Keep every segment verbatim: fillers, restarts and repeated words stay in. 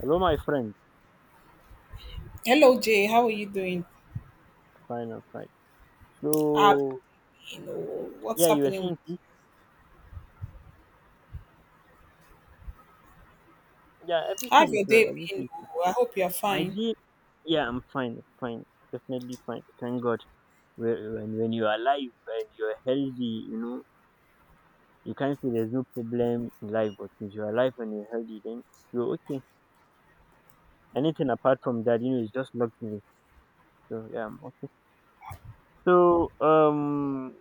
Hello, my friend. Hello Jay, how are you doing? Fine, I'm fine. I've So, been, oh, what's yeah, you were happening? saying, tea? Yeah, How's everything is your well. day Everything been? is well. Oh, I hope you're My fine. dear, yeah, I'm fine. I'm fine. Definitely fine. Thank God. Whe- When, when you are alive and you're healthy, you know, you can't say there's no problem in life. But since you're alive and you're healthy, then you're okay. Anything apart from that, you know, is just luxury. So, yeah, I'm okay. So, um,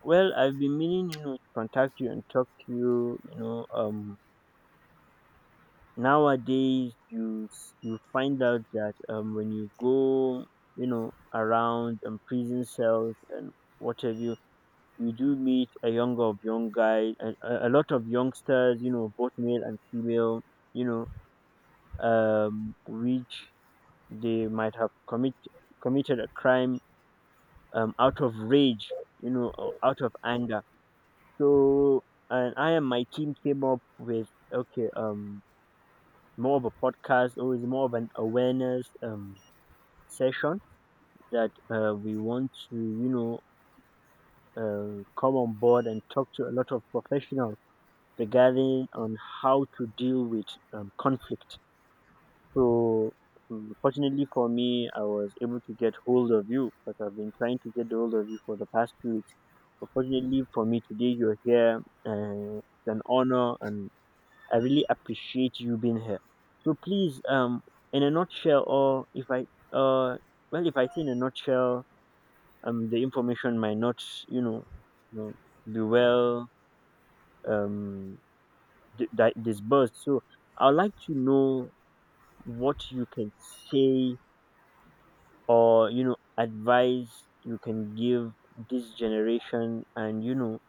well, I've been meaning, you know, to contact you and talk to you, you know, um, nowadays you s- you find out that um, when you go you know around um, prison cells and what have you, you do meet a younger of young guys, a, a a lot of youngsters, you know, both male and female, you know um which they might have commit, committed a crime um out of rage, you know, or out of anger. So and I and my team came up with, okay, um more of a podcast or is more of an awareness um, session that uh, we want to, you know, uh, come on board and talk to a lot of professionals regarding on how to deal with um, conflict. So, um, Fortunately for me, I was able to get hold of you because I've been trying to get hold of you for the past two weeks. But fortunately for me, today you're here. Uh, it's an honor and I really appreciate you being here. So please, um, in a nutshell, or if I, uh, well, if I say in a nutshell, um, the information might not, you know, you know be well um di- di- disbursed. So I'd like to know what you can say, or you know, advice you can give this generation, and you know,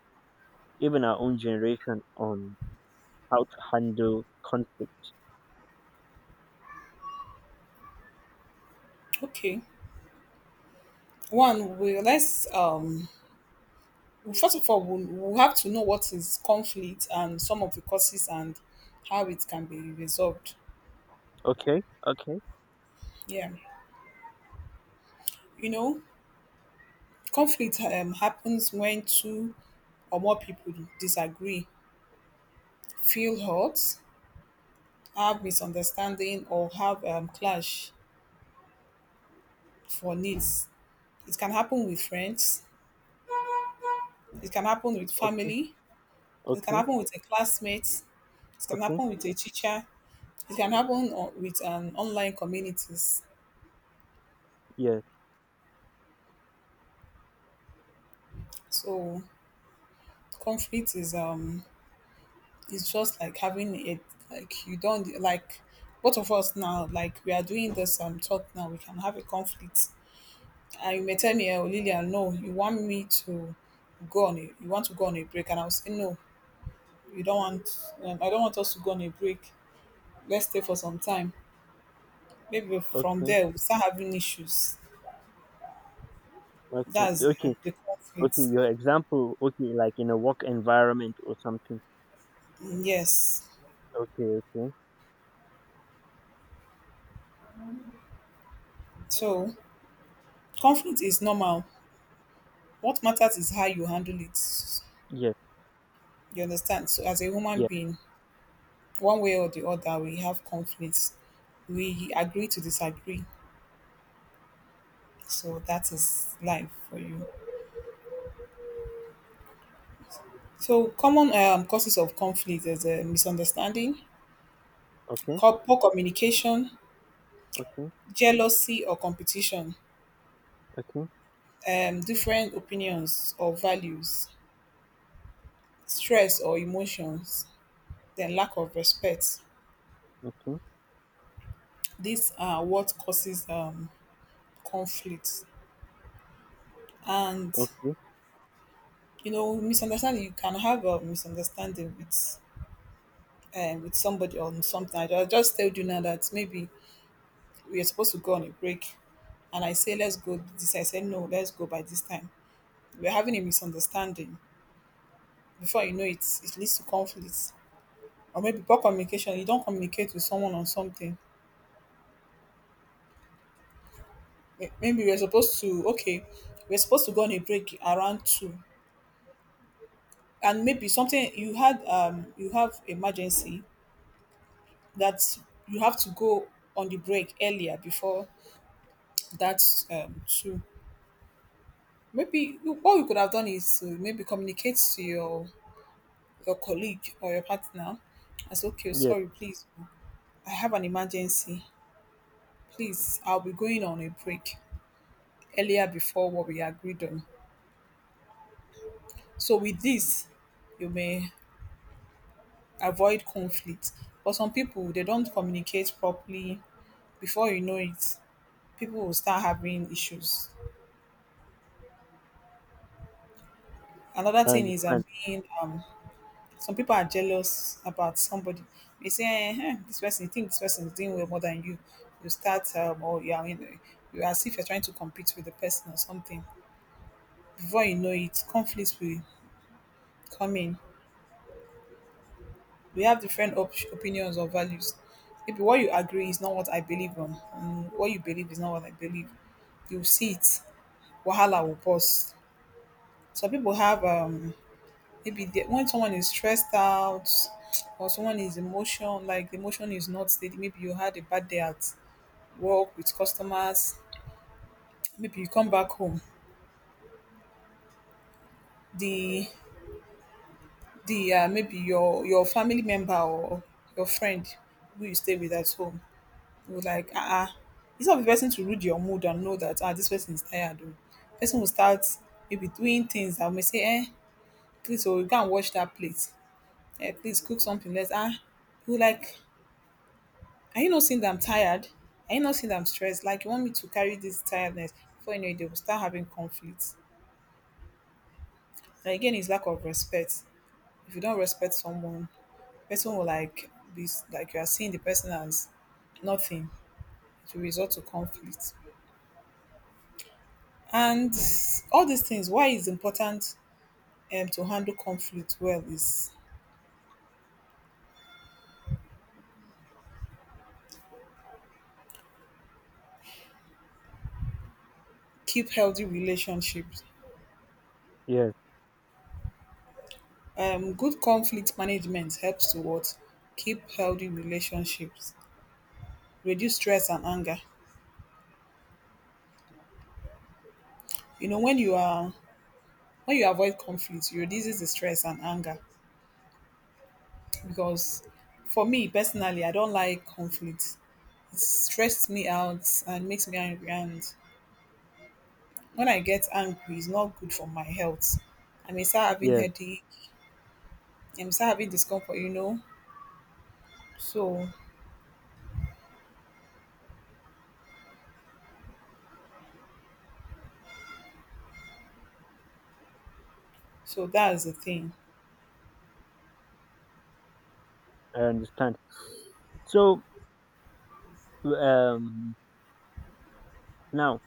even our own generation, on how to handle conflict. Okay, one, we let's um first of all we'll, we'll have to know what is conflict and some of the causes and how it can be resolved. Okay, okay, Yeah. You know, conflict um, happens when two or more people disagree, feel hurt, have misunderstanding, or have um, clash for needs. It can happen with friends, it can happen with okay, family. It can okay, happen with a classmate. It can okay. happen with a teacher. It can happen o- with um, online communities. Yes. So conflict is um is just like having it, like you don't like, both of us now, like we are doing this um talk now, we can have a conflict and you may tell me, oh Lillian, no, you want me to go on a, you want to go on a break, and I'll say no, you don't want, um, I don't want us to go on a break, let's stay for some time, maybe from Okay. there we start having issues. Okay. That's uh, Okay. the conflict. Okay. Your example. Okay, like in a work environment or something. Mm, yes. Okay. Okay. So conflict is normal. What matters is how you handle it. Yes. You understand? So as a human Yes. being, one way or the other, we have conflicts. We agree to disagree. So that is life for you. So common um, causes of conflict is uh, misunderstanding, Okay. co- poor communication, Okay. jealousy or competition, Okay. um, different opinions or values, stress or emotions, then lack of respect. Okay. These are what causes um, conflict. And Okay. you know, misunderstanding, you can have a misunderstanding with um, with somebody on something. I ju- I just told you now that maybe we are supposed to go on a break, and I say let's go this. I say no, let's go by this time. We're having a misunderstanding. Before you know it, it leads to conflicts. Or maybe poor communication. You don't communicate with someone on something. May- maybe we're supposed to, okay, we're supposed to go on a break around two, and maybe something you had, um you have emergency that you have to go on the break earlier before that um two. Maybe you- what we could have done is to maybe communicate to your your colleague or your partner as, okay, Yes. sorry please, I have an emergency, please I'll be going on a break earlier before what we agreed on. So with this, you may avoid conflict. But some people they don't communicate properly. Before you know it, people will start having issues. Another I thing is understand. um, being um, some people are jealous about somebody. They say, eh, eh, this person, you think this person is doing well more than you. You start um, or you are in, you are as if you're trying to compete with the person or something. Before you know it, conflicts will come in. We have different op- opinions or values. Maybe what you agree is not what I believe on, and what you believe is not what I believe. You see it, wahala will pause. Some people have um maybe they, when someone is stressed out or someone is emotion, like the emotion is not steady. Maybe you had a bad day at work with customers. Maybe you come back home. The the uh, maybe your your family member or your friend who you stay with at home, you would like, ah uh, instead of the person to read your mood and know that, ah, this person is tired, oh, person will start maybe doing things that may say, eh, please oh, go and wash that plate, eh, please cook something, let's ah. You like, are you not seeing that I'm tired, are you not seeing that I'm stressed, like you want me to carry this tiredness? Before you know it, they will start having conflicts. And again, it's lack of respect. If you don't respect someone, person will like be like you are seeing the person as nothing. It will result to conflict. And all these things, why it's important um, to handle conflict well is keep healthy relationships. Yes. Um, good conflict management helps to what? Keep healthy relationships, reduce stress and anger. You know, when you are, when you avoid conflict, you reduces the stress and anger. Because for me personally, I don't like conflict. It stresses me out and makes me angry. And when I get angry, it's not good for my health. I may start having Yes. headache, I'm start having discomfort, you know. So so that's the thing. I understand. So, um, now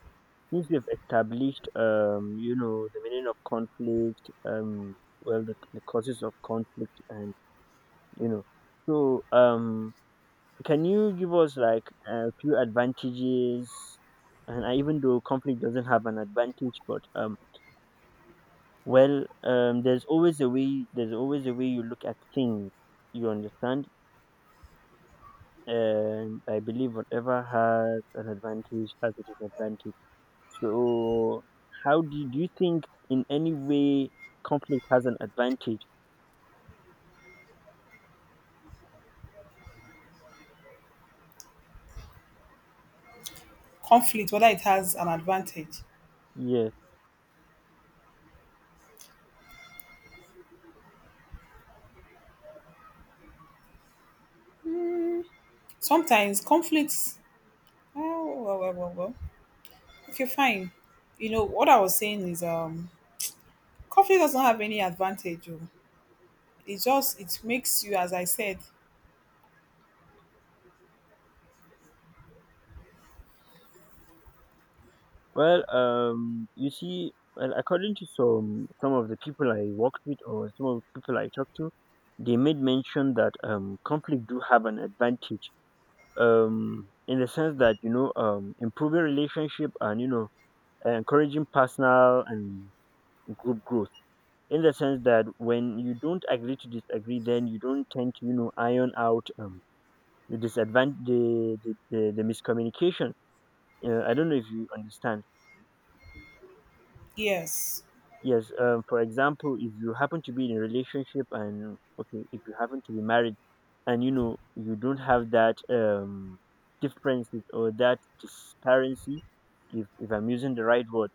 since we have established, um, you know, the meaning of conflict, um, well, the, the causes of conflict, and you know, so, um, can you give us like a few advantages? And I- even though conflict doesn't have an advantage, but um, well, um, there's always a way. There's always a way you look at things. You understand? And I believe whatever has an advantage has a disadvantage. So, how do you, do you think in any way conflict has an advantage? Conflict, whether it has an advantage. Yes. Sometimes conflicts, oh well well well well. Okay, fine. You know what I was saying is, um conflict does not have any advantage. Oh. It just, it makes you, as I said, Well, um, you see, well, according to some some of the people I worked with or some of the people I talked to, they made mention that um, conflict do have an advantage um, in the sense that you know um, improving relationship, and you know, encouraging personal and group growth. In the sense that when you don't agree to disagree, then you don't tend to, you know, iron out um, the disadvantage, the, the, the, the miscommunication. Uh, I don't know if you understand. yes, Yes. Um, for example, if you happen to be in a relationship and okay, if you happen to be married, and you know you don't have that um differences or that disparity, if if I'm using the right word,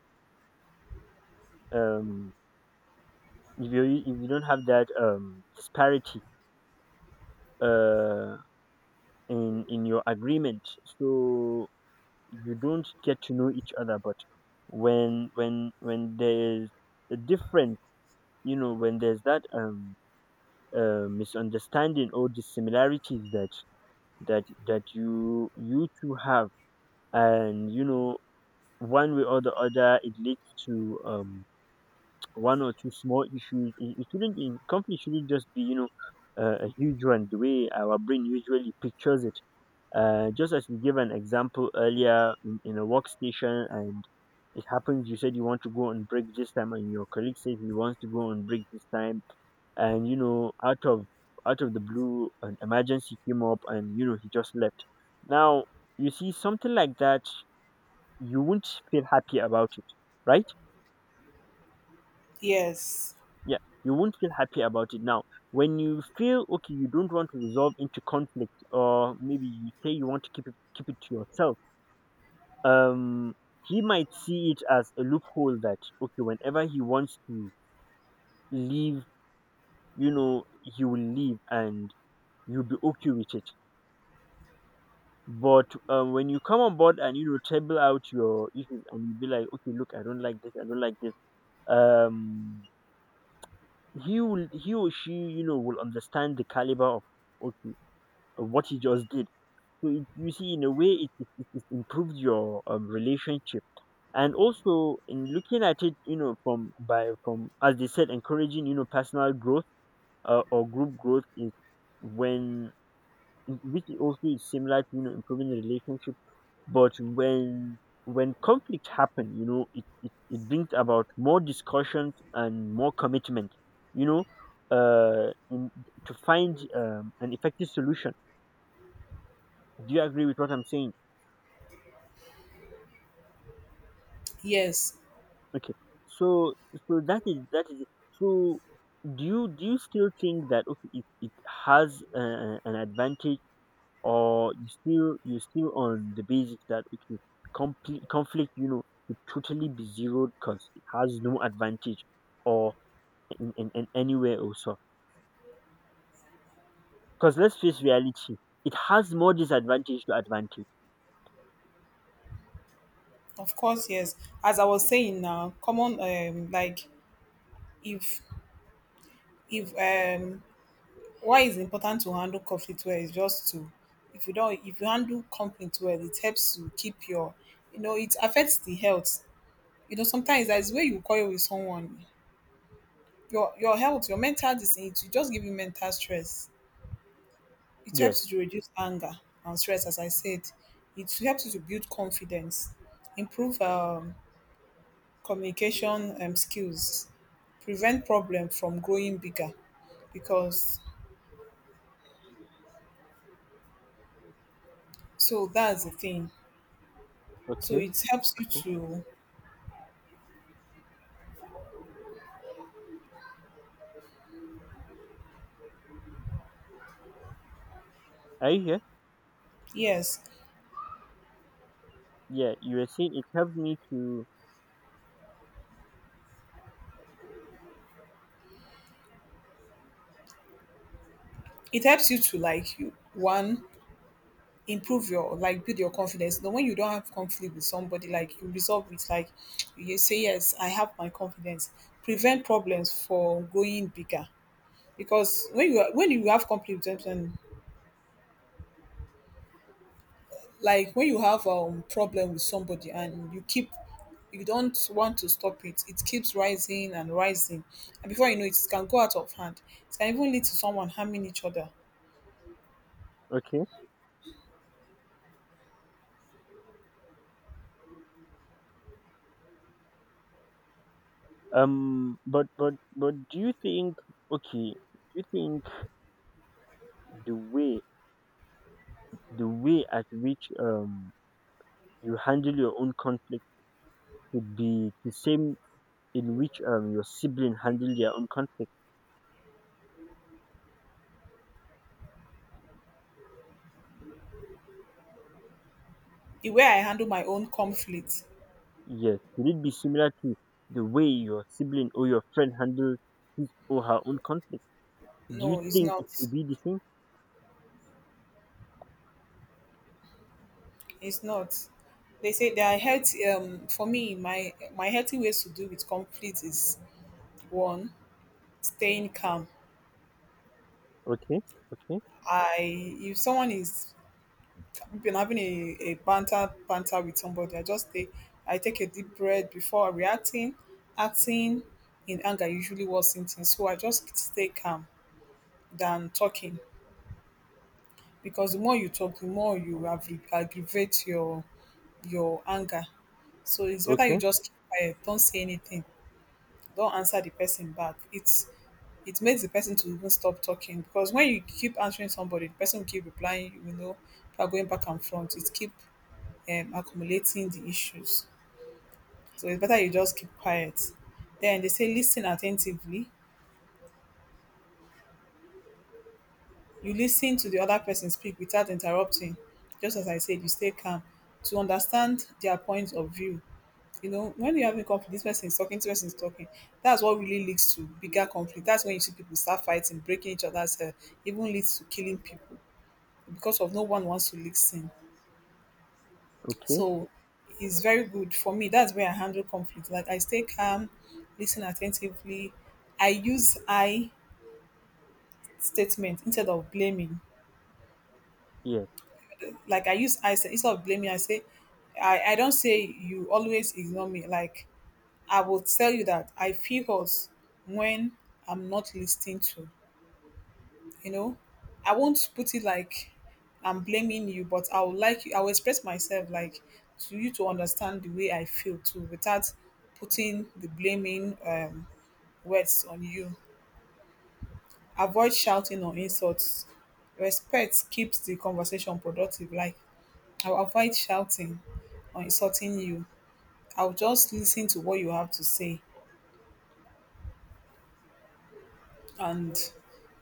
um, if you if you don't have that um disparity uh in in your agreement, so you don't get to know each other. But when when when there's a difference, you know, when there's that um uh, misunderstanding or dissimilarities that that that you you two have, and you know, one way or the other, it leads to um one or two small issues. it, it shouldn't, in conflict shouldn't just be, you know, uh, a huge one the way our brain usually pictures it. Uh just as we gave an example earlier, in, in a workstation, and it happens you said you want to go on break this time and your colleague says he wants to go on break this time, and you know, out of out of the blue an emergency came up and you know he just left. Now you see something like that, you won't feel happy about it, right? yes, Yeah, you won't feel happy about it. Now when you feel okay, you don't want to resolve into conflict, or maybe you say you want to keep it keep it to yourself, um he might see it as a loophole that okay, whenever he wants to leave, you know, he will leave and you'll be okay with it. But um, when you come on board and you know table out your issues, and you be like, okay, look, I don't like this, I don't like this. Um, he will, he or she, you know, will understand the caliber of okay, of what he just did. So it, you see, in a way, it it, it it improved your um, relationship. And also in looking at it, you know, from by from as they said, encouraging, you know, personal growth uh, or group growth is when, which is also is similar to you know improving the relationship. But when when conflict happen, you know, it, it, it brings about more discussions and more commitment, you know, uh in, to find um, an effective solution. Do you agree with what I'm saying? yes. Okay, so so that is that is it. So do you, do you still think that okay, it, it has uh, an advantage, or you still, you still on the basic that okay, complete conflict, you know, should totally be zeroed because it has no advantage, or in, in, in anywhere also, because let's face reality, it has more disadvantage to advantage. Of course, yes. As I was saying now, common um like if if um why it's important to handle conflict well is just to, if you don't, if you handle conflict well, it helps to keep your, you know, it affects the health. You know, sometimes that's where you quarrel with someone, your your health, your mental, this, it just give you mental stress. It Yeah. helps you to reduce anger and stress, as I said. It helps you to build confidence, improve um, communication um, skills, prevent problem from growing bigger, because so that's the thing. So Okay, it helps you okay. to, Are you here? yes, Yeah, you were saying it helped me to. it helps you to like, you one, improve your, like build your confidence. Then when you don't have conflict with somebody, like you resolve it, like you say, yes, I have my confidence. Prevent problems for going bigger, because when you are- when you have conflict with them, like when you have um problem with somebody and you keep, you don't want to stop it, it keeps rising and rising, and before you know it, it can go out of hand, it can even lead to someone harming each other. Okay. Um but but but do you think, okay, do you think the way, the way at which um you handle your own conflict could be the same in which um, your sibling handle their own conflict? The way I handle my own conflict, Yes. Should it be similar to the way your sibling or your friend handles his or her own conflict? Do you no, it's think it not. should be the same? It's not. They say there are health. Um, for me, my my healthy ways to deal with conflict is, one, staying calm. Okay, okay, I, if someone is, we've been having a, a banter banter with somebody, I just take I take a deep breath before reacting. Acting in anger usually worsens things. So I just stay calm than talking, because the more you talk, the more you aggra- aggravate your your anger. So it's better you okay, just keep quiet, don't say anything. Don't answer the person back. It's, it makes the person to even stop talking, because when you keep answering somebody, the person will keep replying, you know, you are going back and front, it keep um, accumulating the issues. So it's better you just keep quiet. Then they say listen attentively, you listen to the other person speak without interrupting, just as I said, you stay calm to understand their point of view. You know, when you're having conflict, this person is talking, this person is talking. That's what really leads to bigger conflict. That's when you see people start fighting, breaking each other's head, even leads to killing people because of no one wants to listen. okay, So it's very good for me. That's where I handle conflict. Like I stay calm, listen attentively. I use I statement instead of blaming. yes, Like I use I sta- instead of blaming, I say, I, I don't say you always ignore me. Like I will tell you that I feel hurt when I'm not listening to, you know. I won't put it like I'm blaming you, but I would like you, I will express myself like to you to understand the way I feel too without putting the blaming um, words on you. Avoid shouting or insults. Respect keeps the conversation productive. Like I'll avoid shouting or insulting you. I'll just listen to what you have to say and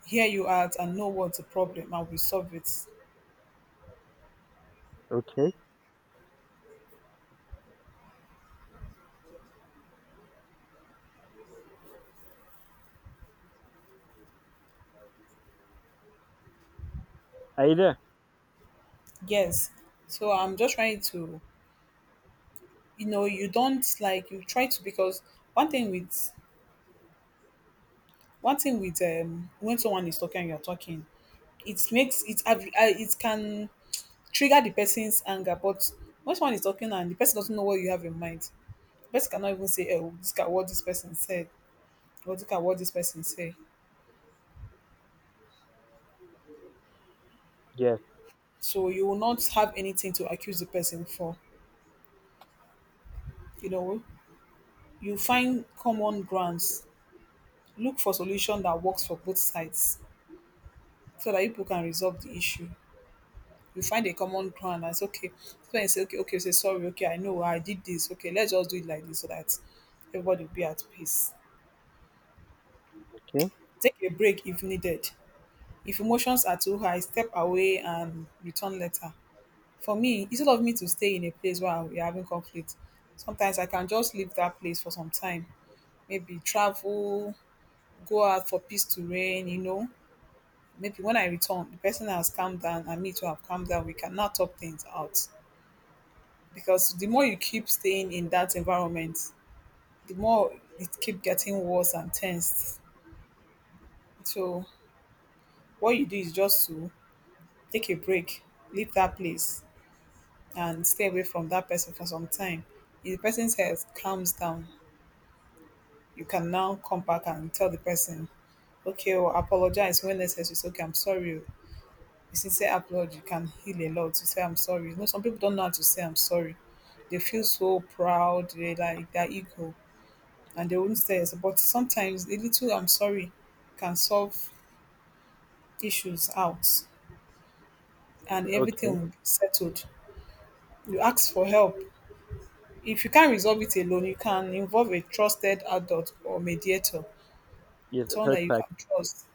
hear you out and know what's the problem and we solve it. okay. Either, Yes. So I'm just trying to, you know, you don't like, you try to, because one thing with, one thing with um when someone is talking and you're talking, it makes it ab- uh, it can trigger the person's anger. But when someone is talking and the person doesn't know what you have in mind, the person cannot even say, "Oh, look at what this person said," or "Look at what this person said." yes, So you will not have anything to accuse the person for. You know, you find common grounds, look for solution that works for both sides so that you people can resolve the issue. You find a common ground and say, okay, so when you say, okay, okay, you say, sorry, okay, I know I did this. Okay, let's just do it like this so that everybody will be at peace. okay, Take a break if needed. If emotions are too high, step away and return later. For me, instead of me to stay in a place where we're having conflict, sometimes I can just leave that place for some time. Maybe travel, go out for peace to reign, you know, maybe when I return, the person has calmed down and me too have calmed down. We cannot talk things out because the more you keep staying in that environment, the more it keep getting worse and tensed. So what you do is just to take a break, leave that place, and stay away from that person for some time. If the person's health calms down, you can now come back and tell the person, okay, well, apologize when necessary. It's okay, I'm sorry. Oh, you see, say sincere you can heal a lot. You say I'm sorry. You know, some people don't know how to say I'm sorry. They feel so proud, they like their ego, and they won't say it. But sometimes a little I'm sorry can solve issues out and okay, everything will be settled. You ask for help. If you can't resolve it alone, you can involve a trusted adult or mediator, yes, a someone third that you party. can trust.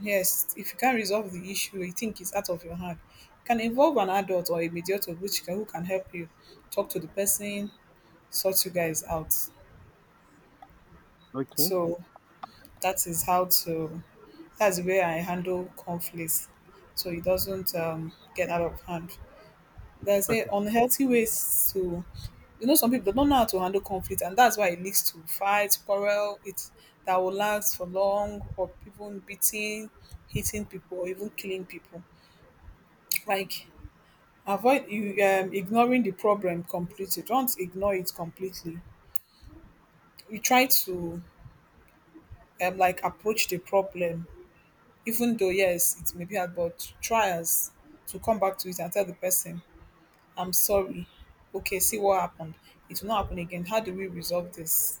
Yes, if you can't resolve the issue you think is out of your hand, you can involve an adult or a mediator which can, who can help you talk to the person, sort you guys out. Okay, So that is how to, that's where I handle conflicts so it doesn't um, get out of hand. There's a okay. unhealthy ways to, you know, some people don't know how to handle conflict and that's why it leads to fights, quarrel, it, that will last for long or people beating, hitting people or even killing people. Like, avoid you, um, ignoring the problem completely. Don't ignore it completely. You try to um, like approach the problem, even though yes, it may be hard, but try as to come back to it and tell the person, "I'm sorry. Okay, see what happened. It will not happen again. How do we resolve this?"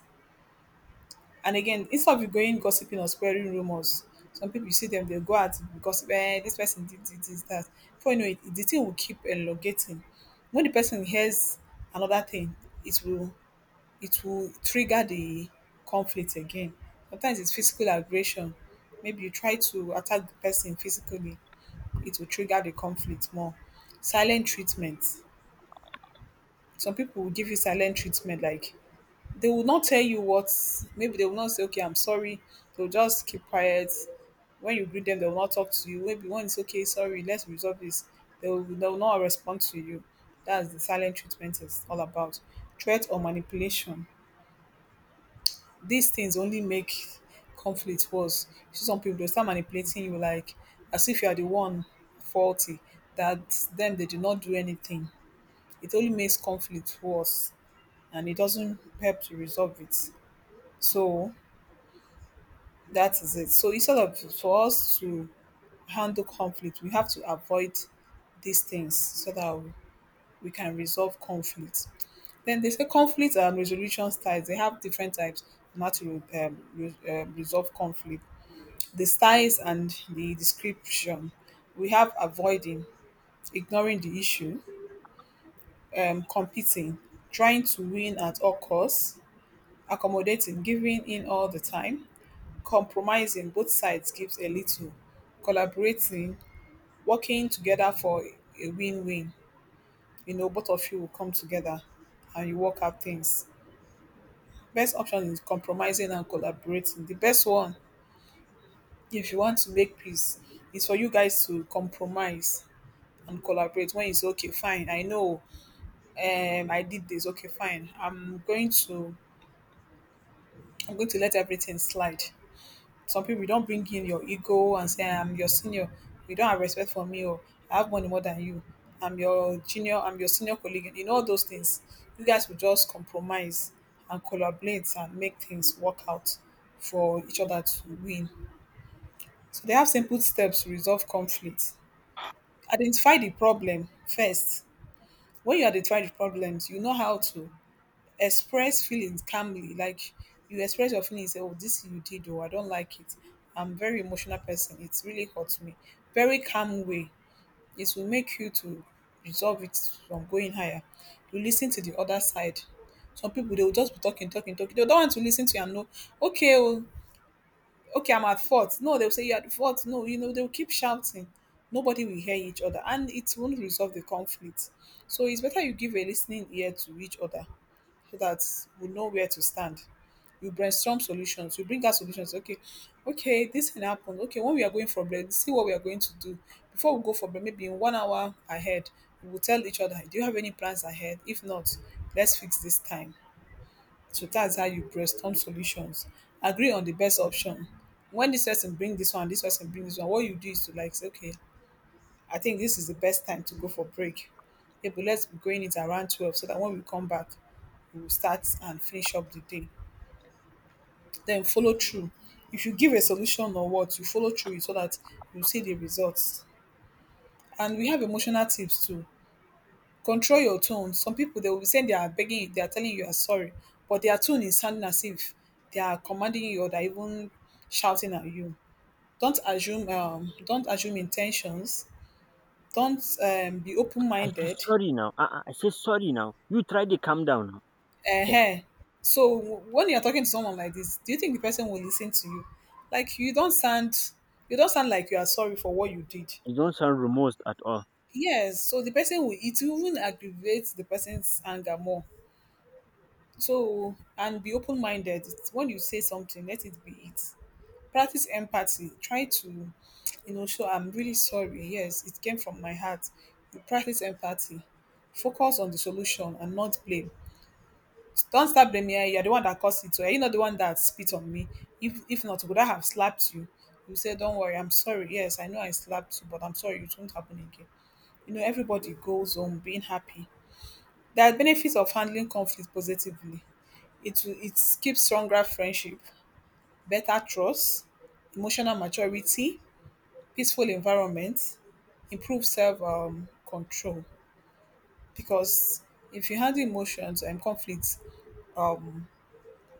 And again, instead of you going gossiping or spreading rumors, some people you see them they go out because eh, this person did, did this that. Before you know it, the thing will keep elongating. When the person hears another thing, it will, it will trigger the conflict again. Sometimes it's physical aggression. Maybe you try to attack the person physically, it will trigger the conflict more. Silent treatment. Some people will give you silent treatment, like they will not tell you what, maybe they will not say, okay, I'm sorry. They'll just keep quiet. When you greet them, they will not talk to you. Maybe when it's okay, sorry, let's resolve this. They will, they will not respond to you. That's the silent treatment is all about. Threat or manipulation, these things only make conflict worse. You see some people they'll start manipulating you like as if you are the one faulty, that them they did not do anything. It only makes conflict worse and it doesn't help to resolve it. So that is it. So instead of for us to handle conflict, we have to avoid these things so that we we can resolve conflict. Then they say conflict and resolution styles. They have different types on how to um, re- um, resolve conflict, the styles and the description. We have avoiding, ignoring the issue, um, competing, trying to win at all costs, accommodating, giving in all the time, compromising, both sides gives a little, collaborating, working together for a win-win. You know, both of you will come together and you work out things. Best option is compromising and collaborating. The best one, if you want to make peace, is for you guys to compromise and collaborate. When you say okay fine, I know, um I did this, okay fine, i'm going to i'm going to let everything slide. Some people, you don't bring in your ego and say I'm your senior, you don't have respect for me, or I have money more than you, I'm your junior, I'm your senior colleague, and in all those things, you guys will just compromise and collaborate and make things work out for each other to win. So they have simple steps to resolve conflict. Identify the problem first. When you identify the problems, you know how to express feelings calmly. Like you express your feelings, say, oh, this you did, oh, I don't like it. I'm a very emotional person. It really hurts me. Very calm way. It will make you to resolve it from going higher. You listen to the other side. Some people they will just be talking, talking, talking. They don't want to listen to you and know, okay, oh, okay, I'm at fault. No, they'll say you're at fault. No, you know, they'll keep shouting. Nobody will hear each other and it won't resolve the conflict. So it's better you give a listening ear to each other so that we know where to stand. We brainstorm solutions. We bring out solutions. Okay, okay, this can happen. Okay, when we are going for break, see what we are going to do. Before we go for break, maybe in one hour ahead, we will tell each other, do you have any plans ahead? If not, let's fix this time. So that's how you brainstorm solutions. Agree on the best option. When this person bring this one, this person bring this one, what you do is to like say, okay, I think this is the best time to go for break. Yeah, but let's be going it around twelve so that when we come back, we will start and finish up the day. Then follow through. If you give a solution or what, you follow through it so that you see the results. And we have emotional tips too. Control your tone. Some people they will be saying they are begging, they are telling you you are sorry, but their tone is sounding as if they are commanding you or they are even shouting at you. Don't assume, um, don't assume intentions. Don't, um, be open I say minded. sorry now. Uh, uh, I say sorry now. You try to calm down now. Ehen. So w- when you're talking to someone like this, do you think the person will listen to you? Like you don't sound you don't sound like you are sorry for what you did. You don't sound remorse at all. Yes, so the person will, it will even aggravates the person's anger more. So and be open minded. When you say something, let it be it. Practice empathy. Try to, you know, show I'm really sorry. Yes, it came from my heart. You practice empathy. Focus on the solution and not blame. Don't start blaming her. You're the one that caused it. Or you're not the one that spit on me. If if not, would I have slapped you? You say, don't worry, I'm sorry. Yes, I know I slapped you, but I'm sorry, it won't happen again. You know, everybody goes home being happy. There are benefits of handling conflict positively. It will, it keeps stronger friendship, better trust, emotional maturity, peaceful environment, improve self, um, control. Because if you handle emotions and conflicts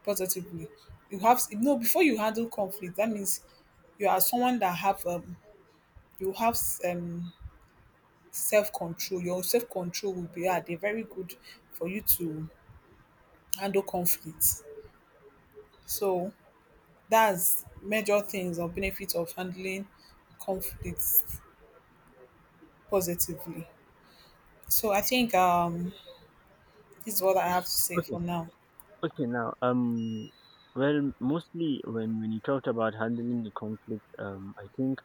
positively. You have s- you know before you handle conflict. That means you are someone that have um you have um self control. Your self control will be at a very good for you to handle conflict. So that's major things or benefit of handling conflicts positively. So I think um this is what I have to say Okay. for now. Okay, now, um, well, mostly when when you talked about handling the conflict, um, I think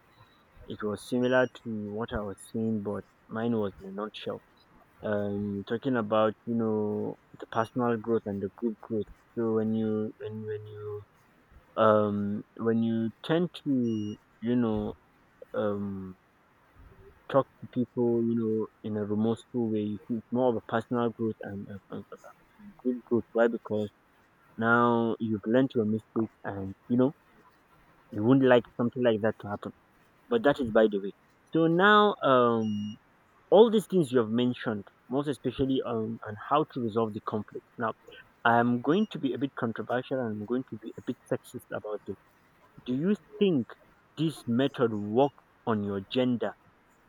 it was similar to what I was saying, but mine was in a nutshell. Um, talking about you know the personal growth and the group growth. So when you when when you um when you tend to, you know, um talk to people, you know, in a remorseful way, you see it's more of a personal growth, and, and, and and group growth. Why? Because now you've learned your mistake and you know you wouldn't like something like that to happen. But that is by the way. So now um all these things you have mentioned, most especially on, on how to resolve the conflict. Now I'm going to be a bit controversial and I'm going to be a bit sexist about this. Do you think this method works on your gender,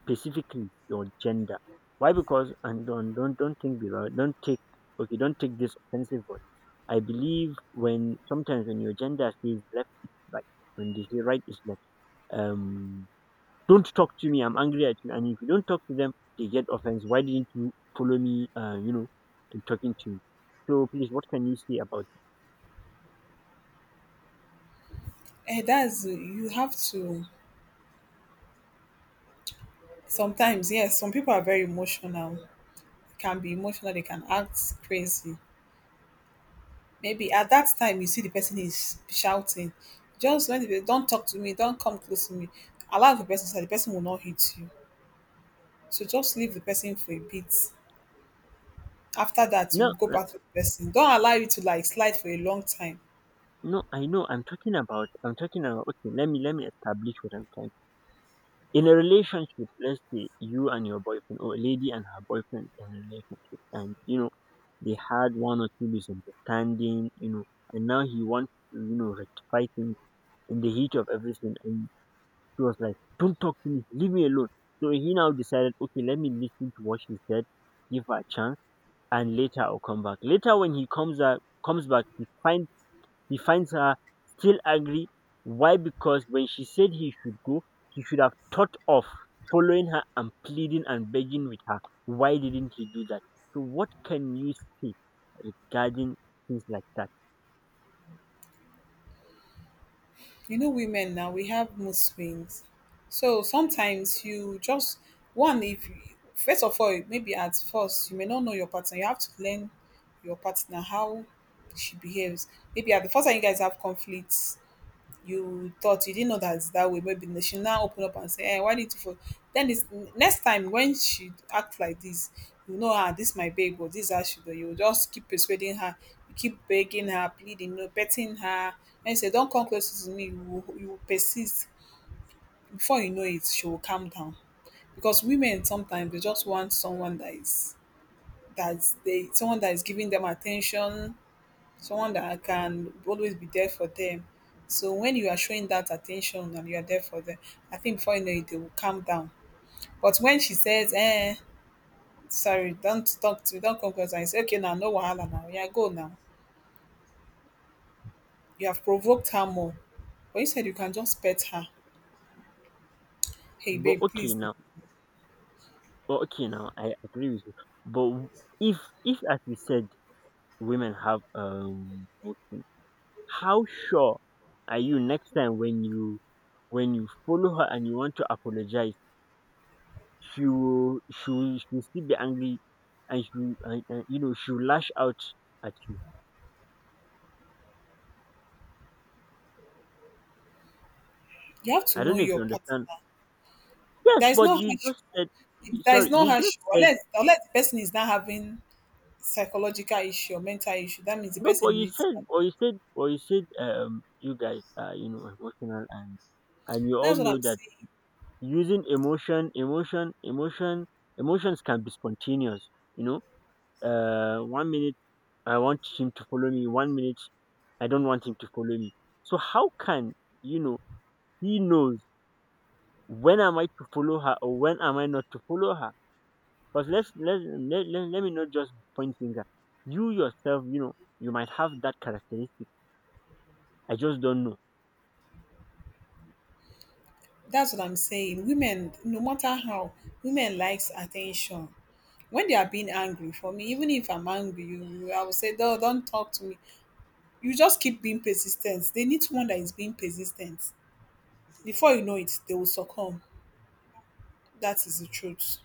specifically your gender? Why? Because, and don't don't don't think below, don't take, okay, don't take this offensive, but I believe when sometimes when your gender says left is right, when they say right is left. Um, don't talk to me, I'm angry at you, and if you don't talk to them, they get offense. Why didn't you follow me, uh, you know, I'm talking to you. So please, what can you say about it? And that's you have to sometimes yes some people are very emotional, can be emotional. They can act crazy, maybe at that time you see the person is shouting, just when they don't talk to me, don't come close to me, allow the person so that the person will not hit you, so just leave the person for a bit, after that No you go uh, back to the person, don't allow it to like slide for a long time. no I know I'm talking about, I'm talking about, okay, let me let me establish what I'm trying. In a relationship, let's say you and your boyfriend, or a lady and her boyfriend in a relationship, and you know they had one or two misunderstanding, you know, and now he wants to, you know, rectify things in the heat of everything, and she was like, "Don't talk to me, leave me alone." So he now decided, okay, let me listen to what she said, give her a chance, and later I'll come back. Later when he comes out, comes back, he finds, he finds her still angry. Why? Because when she said he should go, he should have thought of following her and pleading and begging with her. Why didn't he do that? So, what can you say regarding things like that? You know women now, we have mood swings, so sometimes you just one, if you, first of all, maybe at first you may not know your partner, you have to learn your partner how she behaves. Maybe at the first time you guys have conflicts, you thought you didn't know that it's that way. Maybe then she now open up and say, "Hey, why did you?" Follow? Then this next time when she act like this, you know, ah, this my babe, but this is how she do. You just keep persuading her, you keep begging her, pleading, you know, betting her, and you say, "Don't come close to me." You will- you will persist. Before you know it, she will calm down because women sometimes they just want someone that is, that they, someone that is giving them attention, someone that can always be there for them. So when you are showing that attention and you are there for them, I think before you know it, they will calm down. But when she says, eh, sorry, don't talk to me, don't come close, I you say, okay, now, no wahala now, yeah, go now. You have provoked her more. But you said you can just pet her. Hey, But babe, okay please, now, but okay now, I agree with you. But if, if as you said, women have um, okay, how sure are you next time when you, when you follow her and you want to apologize? she will she will she will still be angry, and she will and, and you know she will lash out at you. you have to I don't know know if you your partner. understand. Yes, There is but no you harsh, just said you- there is sorry. no You just harsh, said unless, unless the person is not having psychological issue or mental issue, that means the no, but person you needs said help. or you said or you said um you guys are you know emotional, and and we all That's what know I'm that saying. using emotion, emotion, emotion, emotions can be spontaneous. You know, uh, One minute I want him to follow me, one minute I don't want him to follow me. So how can you know he knows when am I to follow her or when am I not to follow her? Because let's let, let, let, let me not just point finger. You yourself, you know, you might have that characteristic. I just don't know. That's what I'm saying. Women, no matter how, women likes attention. When they are being angry for me, even if I'm angry, you, you- I will say, no, don't talk to me. You just keep being persistent. They need someone that is being persistent. Before you know it, they will succumb. That is the truth.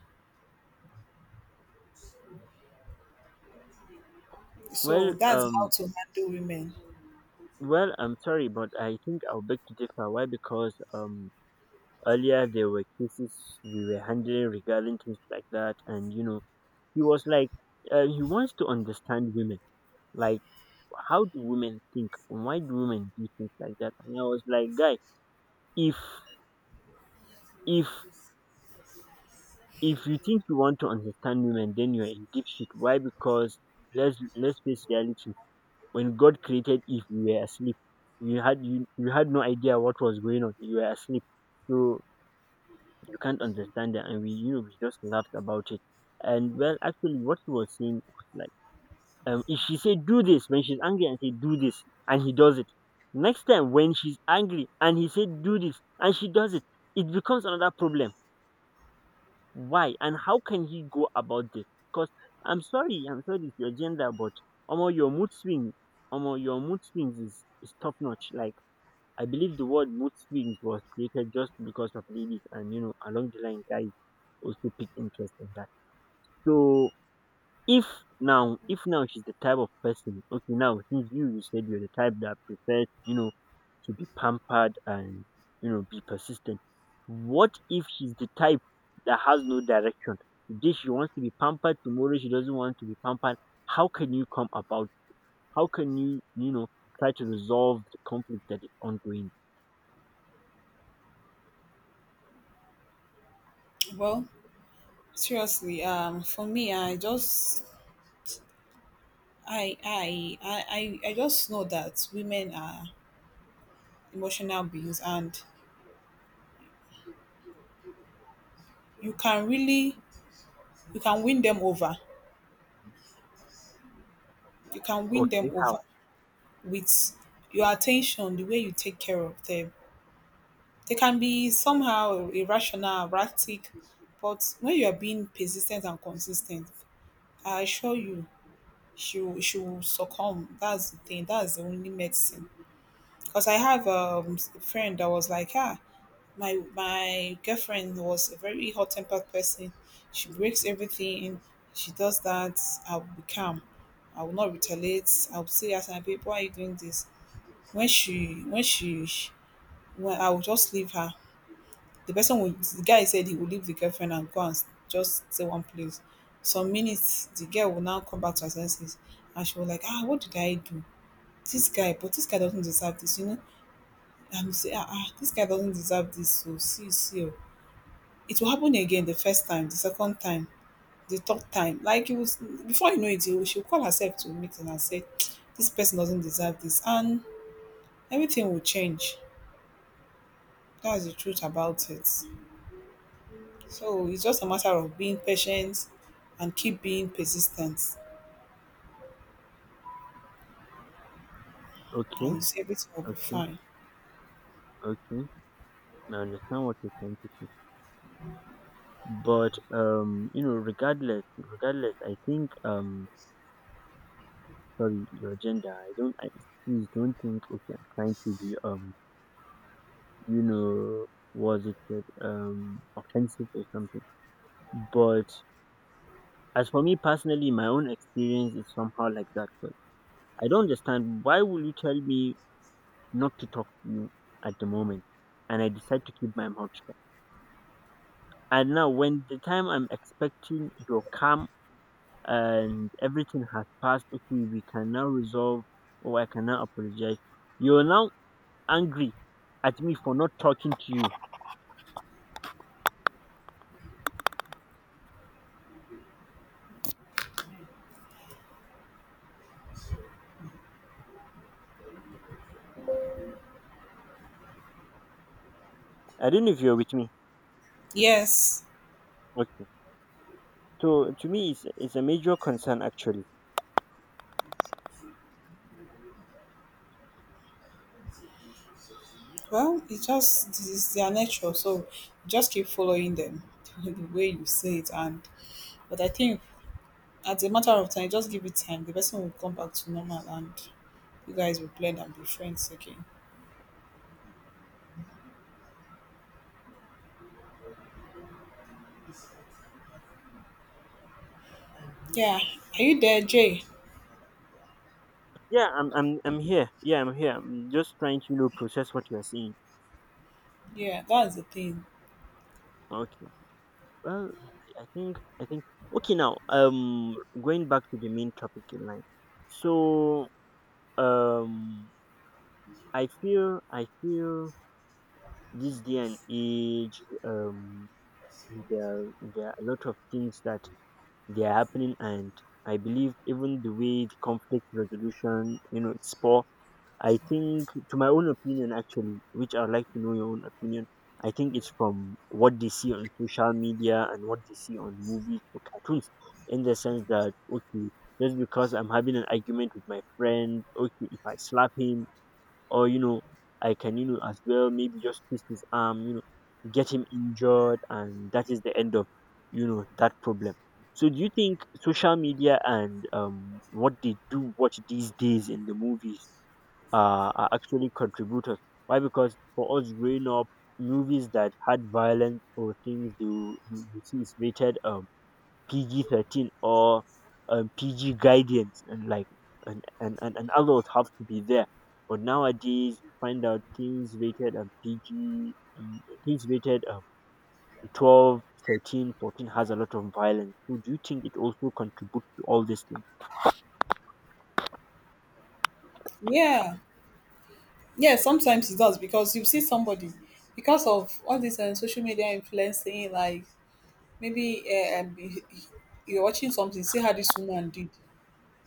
So Well, that's how um, to handle women. well, I'm sorry, but I think I'll beg to differ. Why? Because um, earlier there were cases we were handling regarding things like that, and you know, he was like, uh, he wants to understand women. Like, how do women think? Why do women do things like that? And I was like, guy, if if if you think you want to understand women, then you're in deep shit. Why? Because let's let's face reality. When God created Eve, you were asleep. You had you, you had no idea what was going on. You were asleep, so you can't understand it. And we you know we just laughed about it. And well, actually, what he was saying was like, um if she said do this when she's angry, and say do this and he does it, next time when she's angry and he said do this and she does it it becomes another problem. Why? And how can he go about this? Because I'm sorry, I'm sorry it's your gender, but Omo, your mood swing, Omo, your mood swings is, is top notch. Like, I believe the word mood swings was created just because of ladies, and you know, along the line, guys also pick interest in that. So if now, if now she's the type of person. Okay, now since you you said you're the type that prefers, you know, to be pampered and you know be persistent. What if she's the type that has no direction? Today she wants to be pampered, tomorrow she doesn't want to be pampered. How can you come about? How can you you know try to resolve the conflict that is ongoing? Well, seriously, um, for me, I just, I, I, I, I I just know that women are emotional beings, and you can really, you can win them over you can win Okay, them over how? with your attention, the way you take care of them. They can be somehow irrational, erratic, but when you are being persistent and consistent, I assure you, she will, she will succumb. That's the thing. That's the only medicine. Because I have um, a friend that was like, ah, my my girlfriend was a very hot tempered person. She breaks everything. She does that. I will be calm. I will not retaliate. I will say, as my babe, why are you doing this? when she when she when I will just leave her. The person will the guy said he will leave the girlfriend and go and s- just stay one place. Some minutes the girl will now come back to her senses and she was like, ah, what did I do? This guy, but this guy doesn't deserve this, you know. And you say, ah, ah, this guy doesn't deserve this. So see, see, oh, it will happen again the first time, the second time, the third time. Like it was before you know it, you- she'll call herself to a meeting and say, this person doesn't deserve this, and everything will change. That's the truth about it. So it's just a matter of being patient and keep being persistent, Okay, and it's, everything will be okay, fine. okay. I understand what you're trying to say, but um, you know, regardless, regardless, I think, um, sorry, your gender. I don't. I Please don't think. Okay, I'm trying to be um you know, was it said, um, offensive or something. But as for me personally, my own experience is somehow like that. But I don't understand why will you tell me not to talk to you at the moment, and I decide to keep my mouth shut. And now when the time I'm expecting your calm and everything has passed, okay, we can now resolve, or I can now apologize. You're now angry at me for not talking to you. I don't know if you're with me. Yes, Okay. So to me, it's, it's a major concern actually. well, it's just this is their nature, so just keep following them the way you say it. And but I think as a matter of time, just give it time. The person will come back to normal, and you guys will blend and be friends again. Yeah, are you there, Jay? Yeah, I'm I'm I'm here. Yeah, I'm here. I'm just trying to you know process what you are saying. Yeah, that's the thing. Okay. Well, I think I think okay now. Um, going back to the main topic in line. So um, I feel I feel this day and age, um there there are a lot of things that they are happening, and I believe even the way the conflict resolution, you know it's poor. I think, to my own opinion actually, which I would like to know your own opinion, I think it's from what they see on social media and what they see on movies or cartoons, in the sense that, okay, just because I'm having an argument with my friend, okay, if I slap him, or, you know, I can, you know, as well maybe just twist his arm, you know, get him injured, and that is the end of, you know, that problem. So do you think social media and, um, what they do watch these days in the movies, uh, are actually contributors? Why? Because for us growing up, movies that had violence or things you you, you see is rated um P G thirteen or um, P G guidance, and like and and and, and adults have to be there. But nowadays, you find out things rated um, P G, um, things rated um, twelve, thirteen, fourteen has a lot of violence. So, do you think it also contributes to all these things? Yeah, yeah. Sometimes it does because you see somebody because of all this uh, social media influencing, like maybe uh, um, he- he- you're watching something, see how this woman did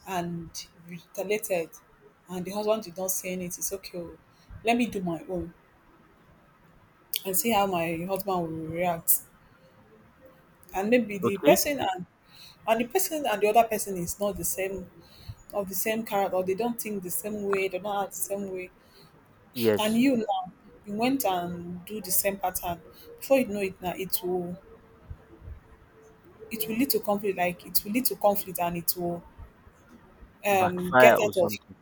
and retaliated, and the husband did not say anything. It's okay, oh, let me do my own and see how my husband will react. And maybe the Okay. person and and the person and the other person is not the same of the same character, or they don't think the same way, they don't act the same way. And Yes. you now, you went and do the same pattern. Before you know it, now it will it will lead to conflict. Like it will lead to conflict, and it will um Backfire get or out of something.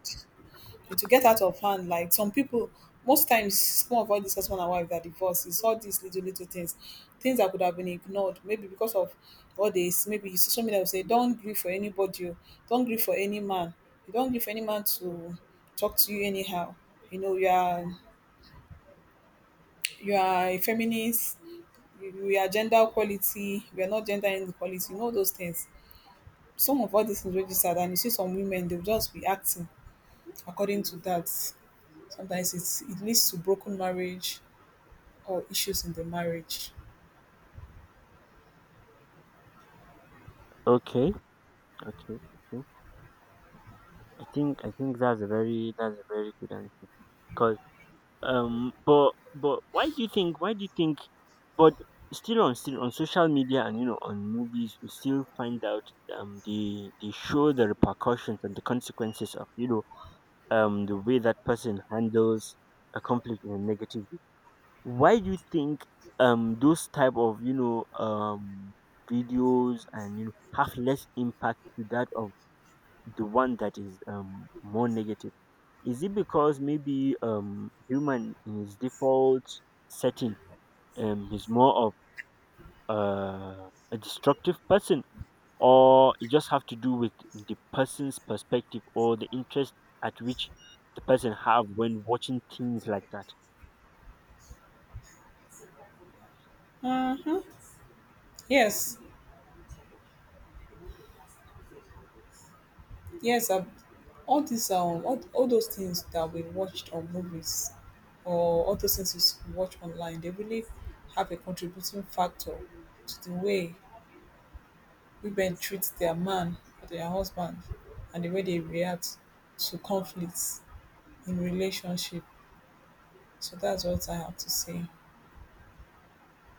it will get out of hand. Like some people, most times, some of all this husband and wife that divorce is all these little little things, things that could have been ignored. Maybe because of all this, maybe social media will say, "Don't grieve for anybody, oh. Don't grieve for any man. You don't grieve for any man to talk to you anyhow. You know, you are you are a feminist. You, you are gender equality. You are not gender inequality. You know those things." Some of all these things registered, and you see some women, they'll just be acting according to that. Sometimes it's, it leads to broken marriage or issues in the marriage. Okay. Okay, okay. I think I think that's a very that's a very good answer. Cause um, but but why do you think why do you think? But still on still on social media, and you know on movies, we still find out um they they show the repercussions and the consequences of, you know um the way that person handles a conflict in a negative way. Why do you think um those type of you know um videos, and you know have less impact to that of the one that is um more negative? Is it because maybe um human in his default setting, um he's more of uh, a destructive person, or it just have to do with the person's perspective or the interest at which the person have when watching things like that? Hmm. Yes, yes. Um, all these um, all, all those things that we watched on movies, or all those things we watch online, they really have a contributing factor to the way women treat their man or their husband, and the way they react to conflicts in relationship. So that's what I have to say.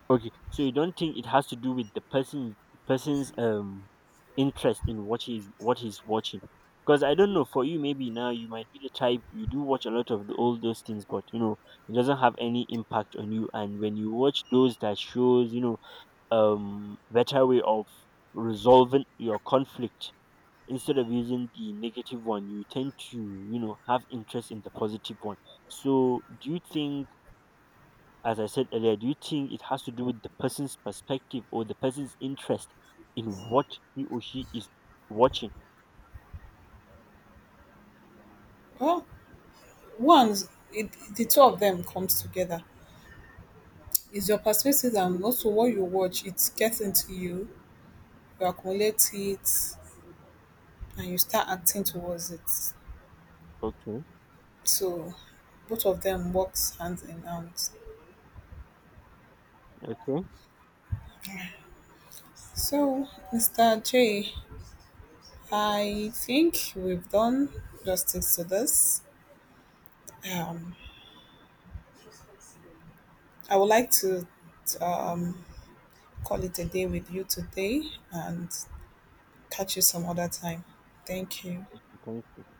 Okay, so you don't think it has to do with the person person's um interest in what he's what he's watching? Because I don't know for you, maybe now you might be the type you do watch a lot of the, all those things, but you know it doesn't have any impact on you. And when you watch those that shows, you know, um, better way of resolving your conflict instead of using the negative one, you tend to you know have interest in the positive one. So do you think? As I said earlier, do you think it has to do with the person's perspective or the person's interest in what he or she is watching? Well, once it, the two of them comes together, is your perspective and also what you watch it gets into you, you accumulate it and you start acting towards it, Okay, so both of them works hand in hand. okay, So Mr. J, I think we've done justice to this, um I would like to um call it a day with you today and catch you some other time. Thank you. okay.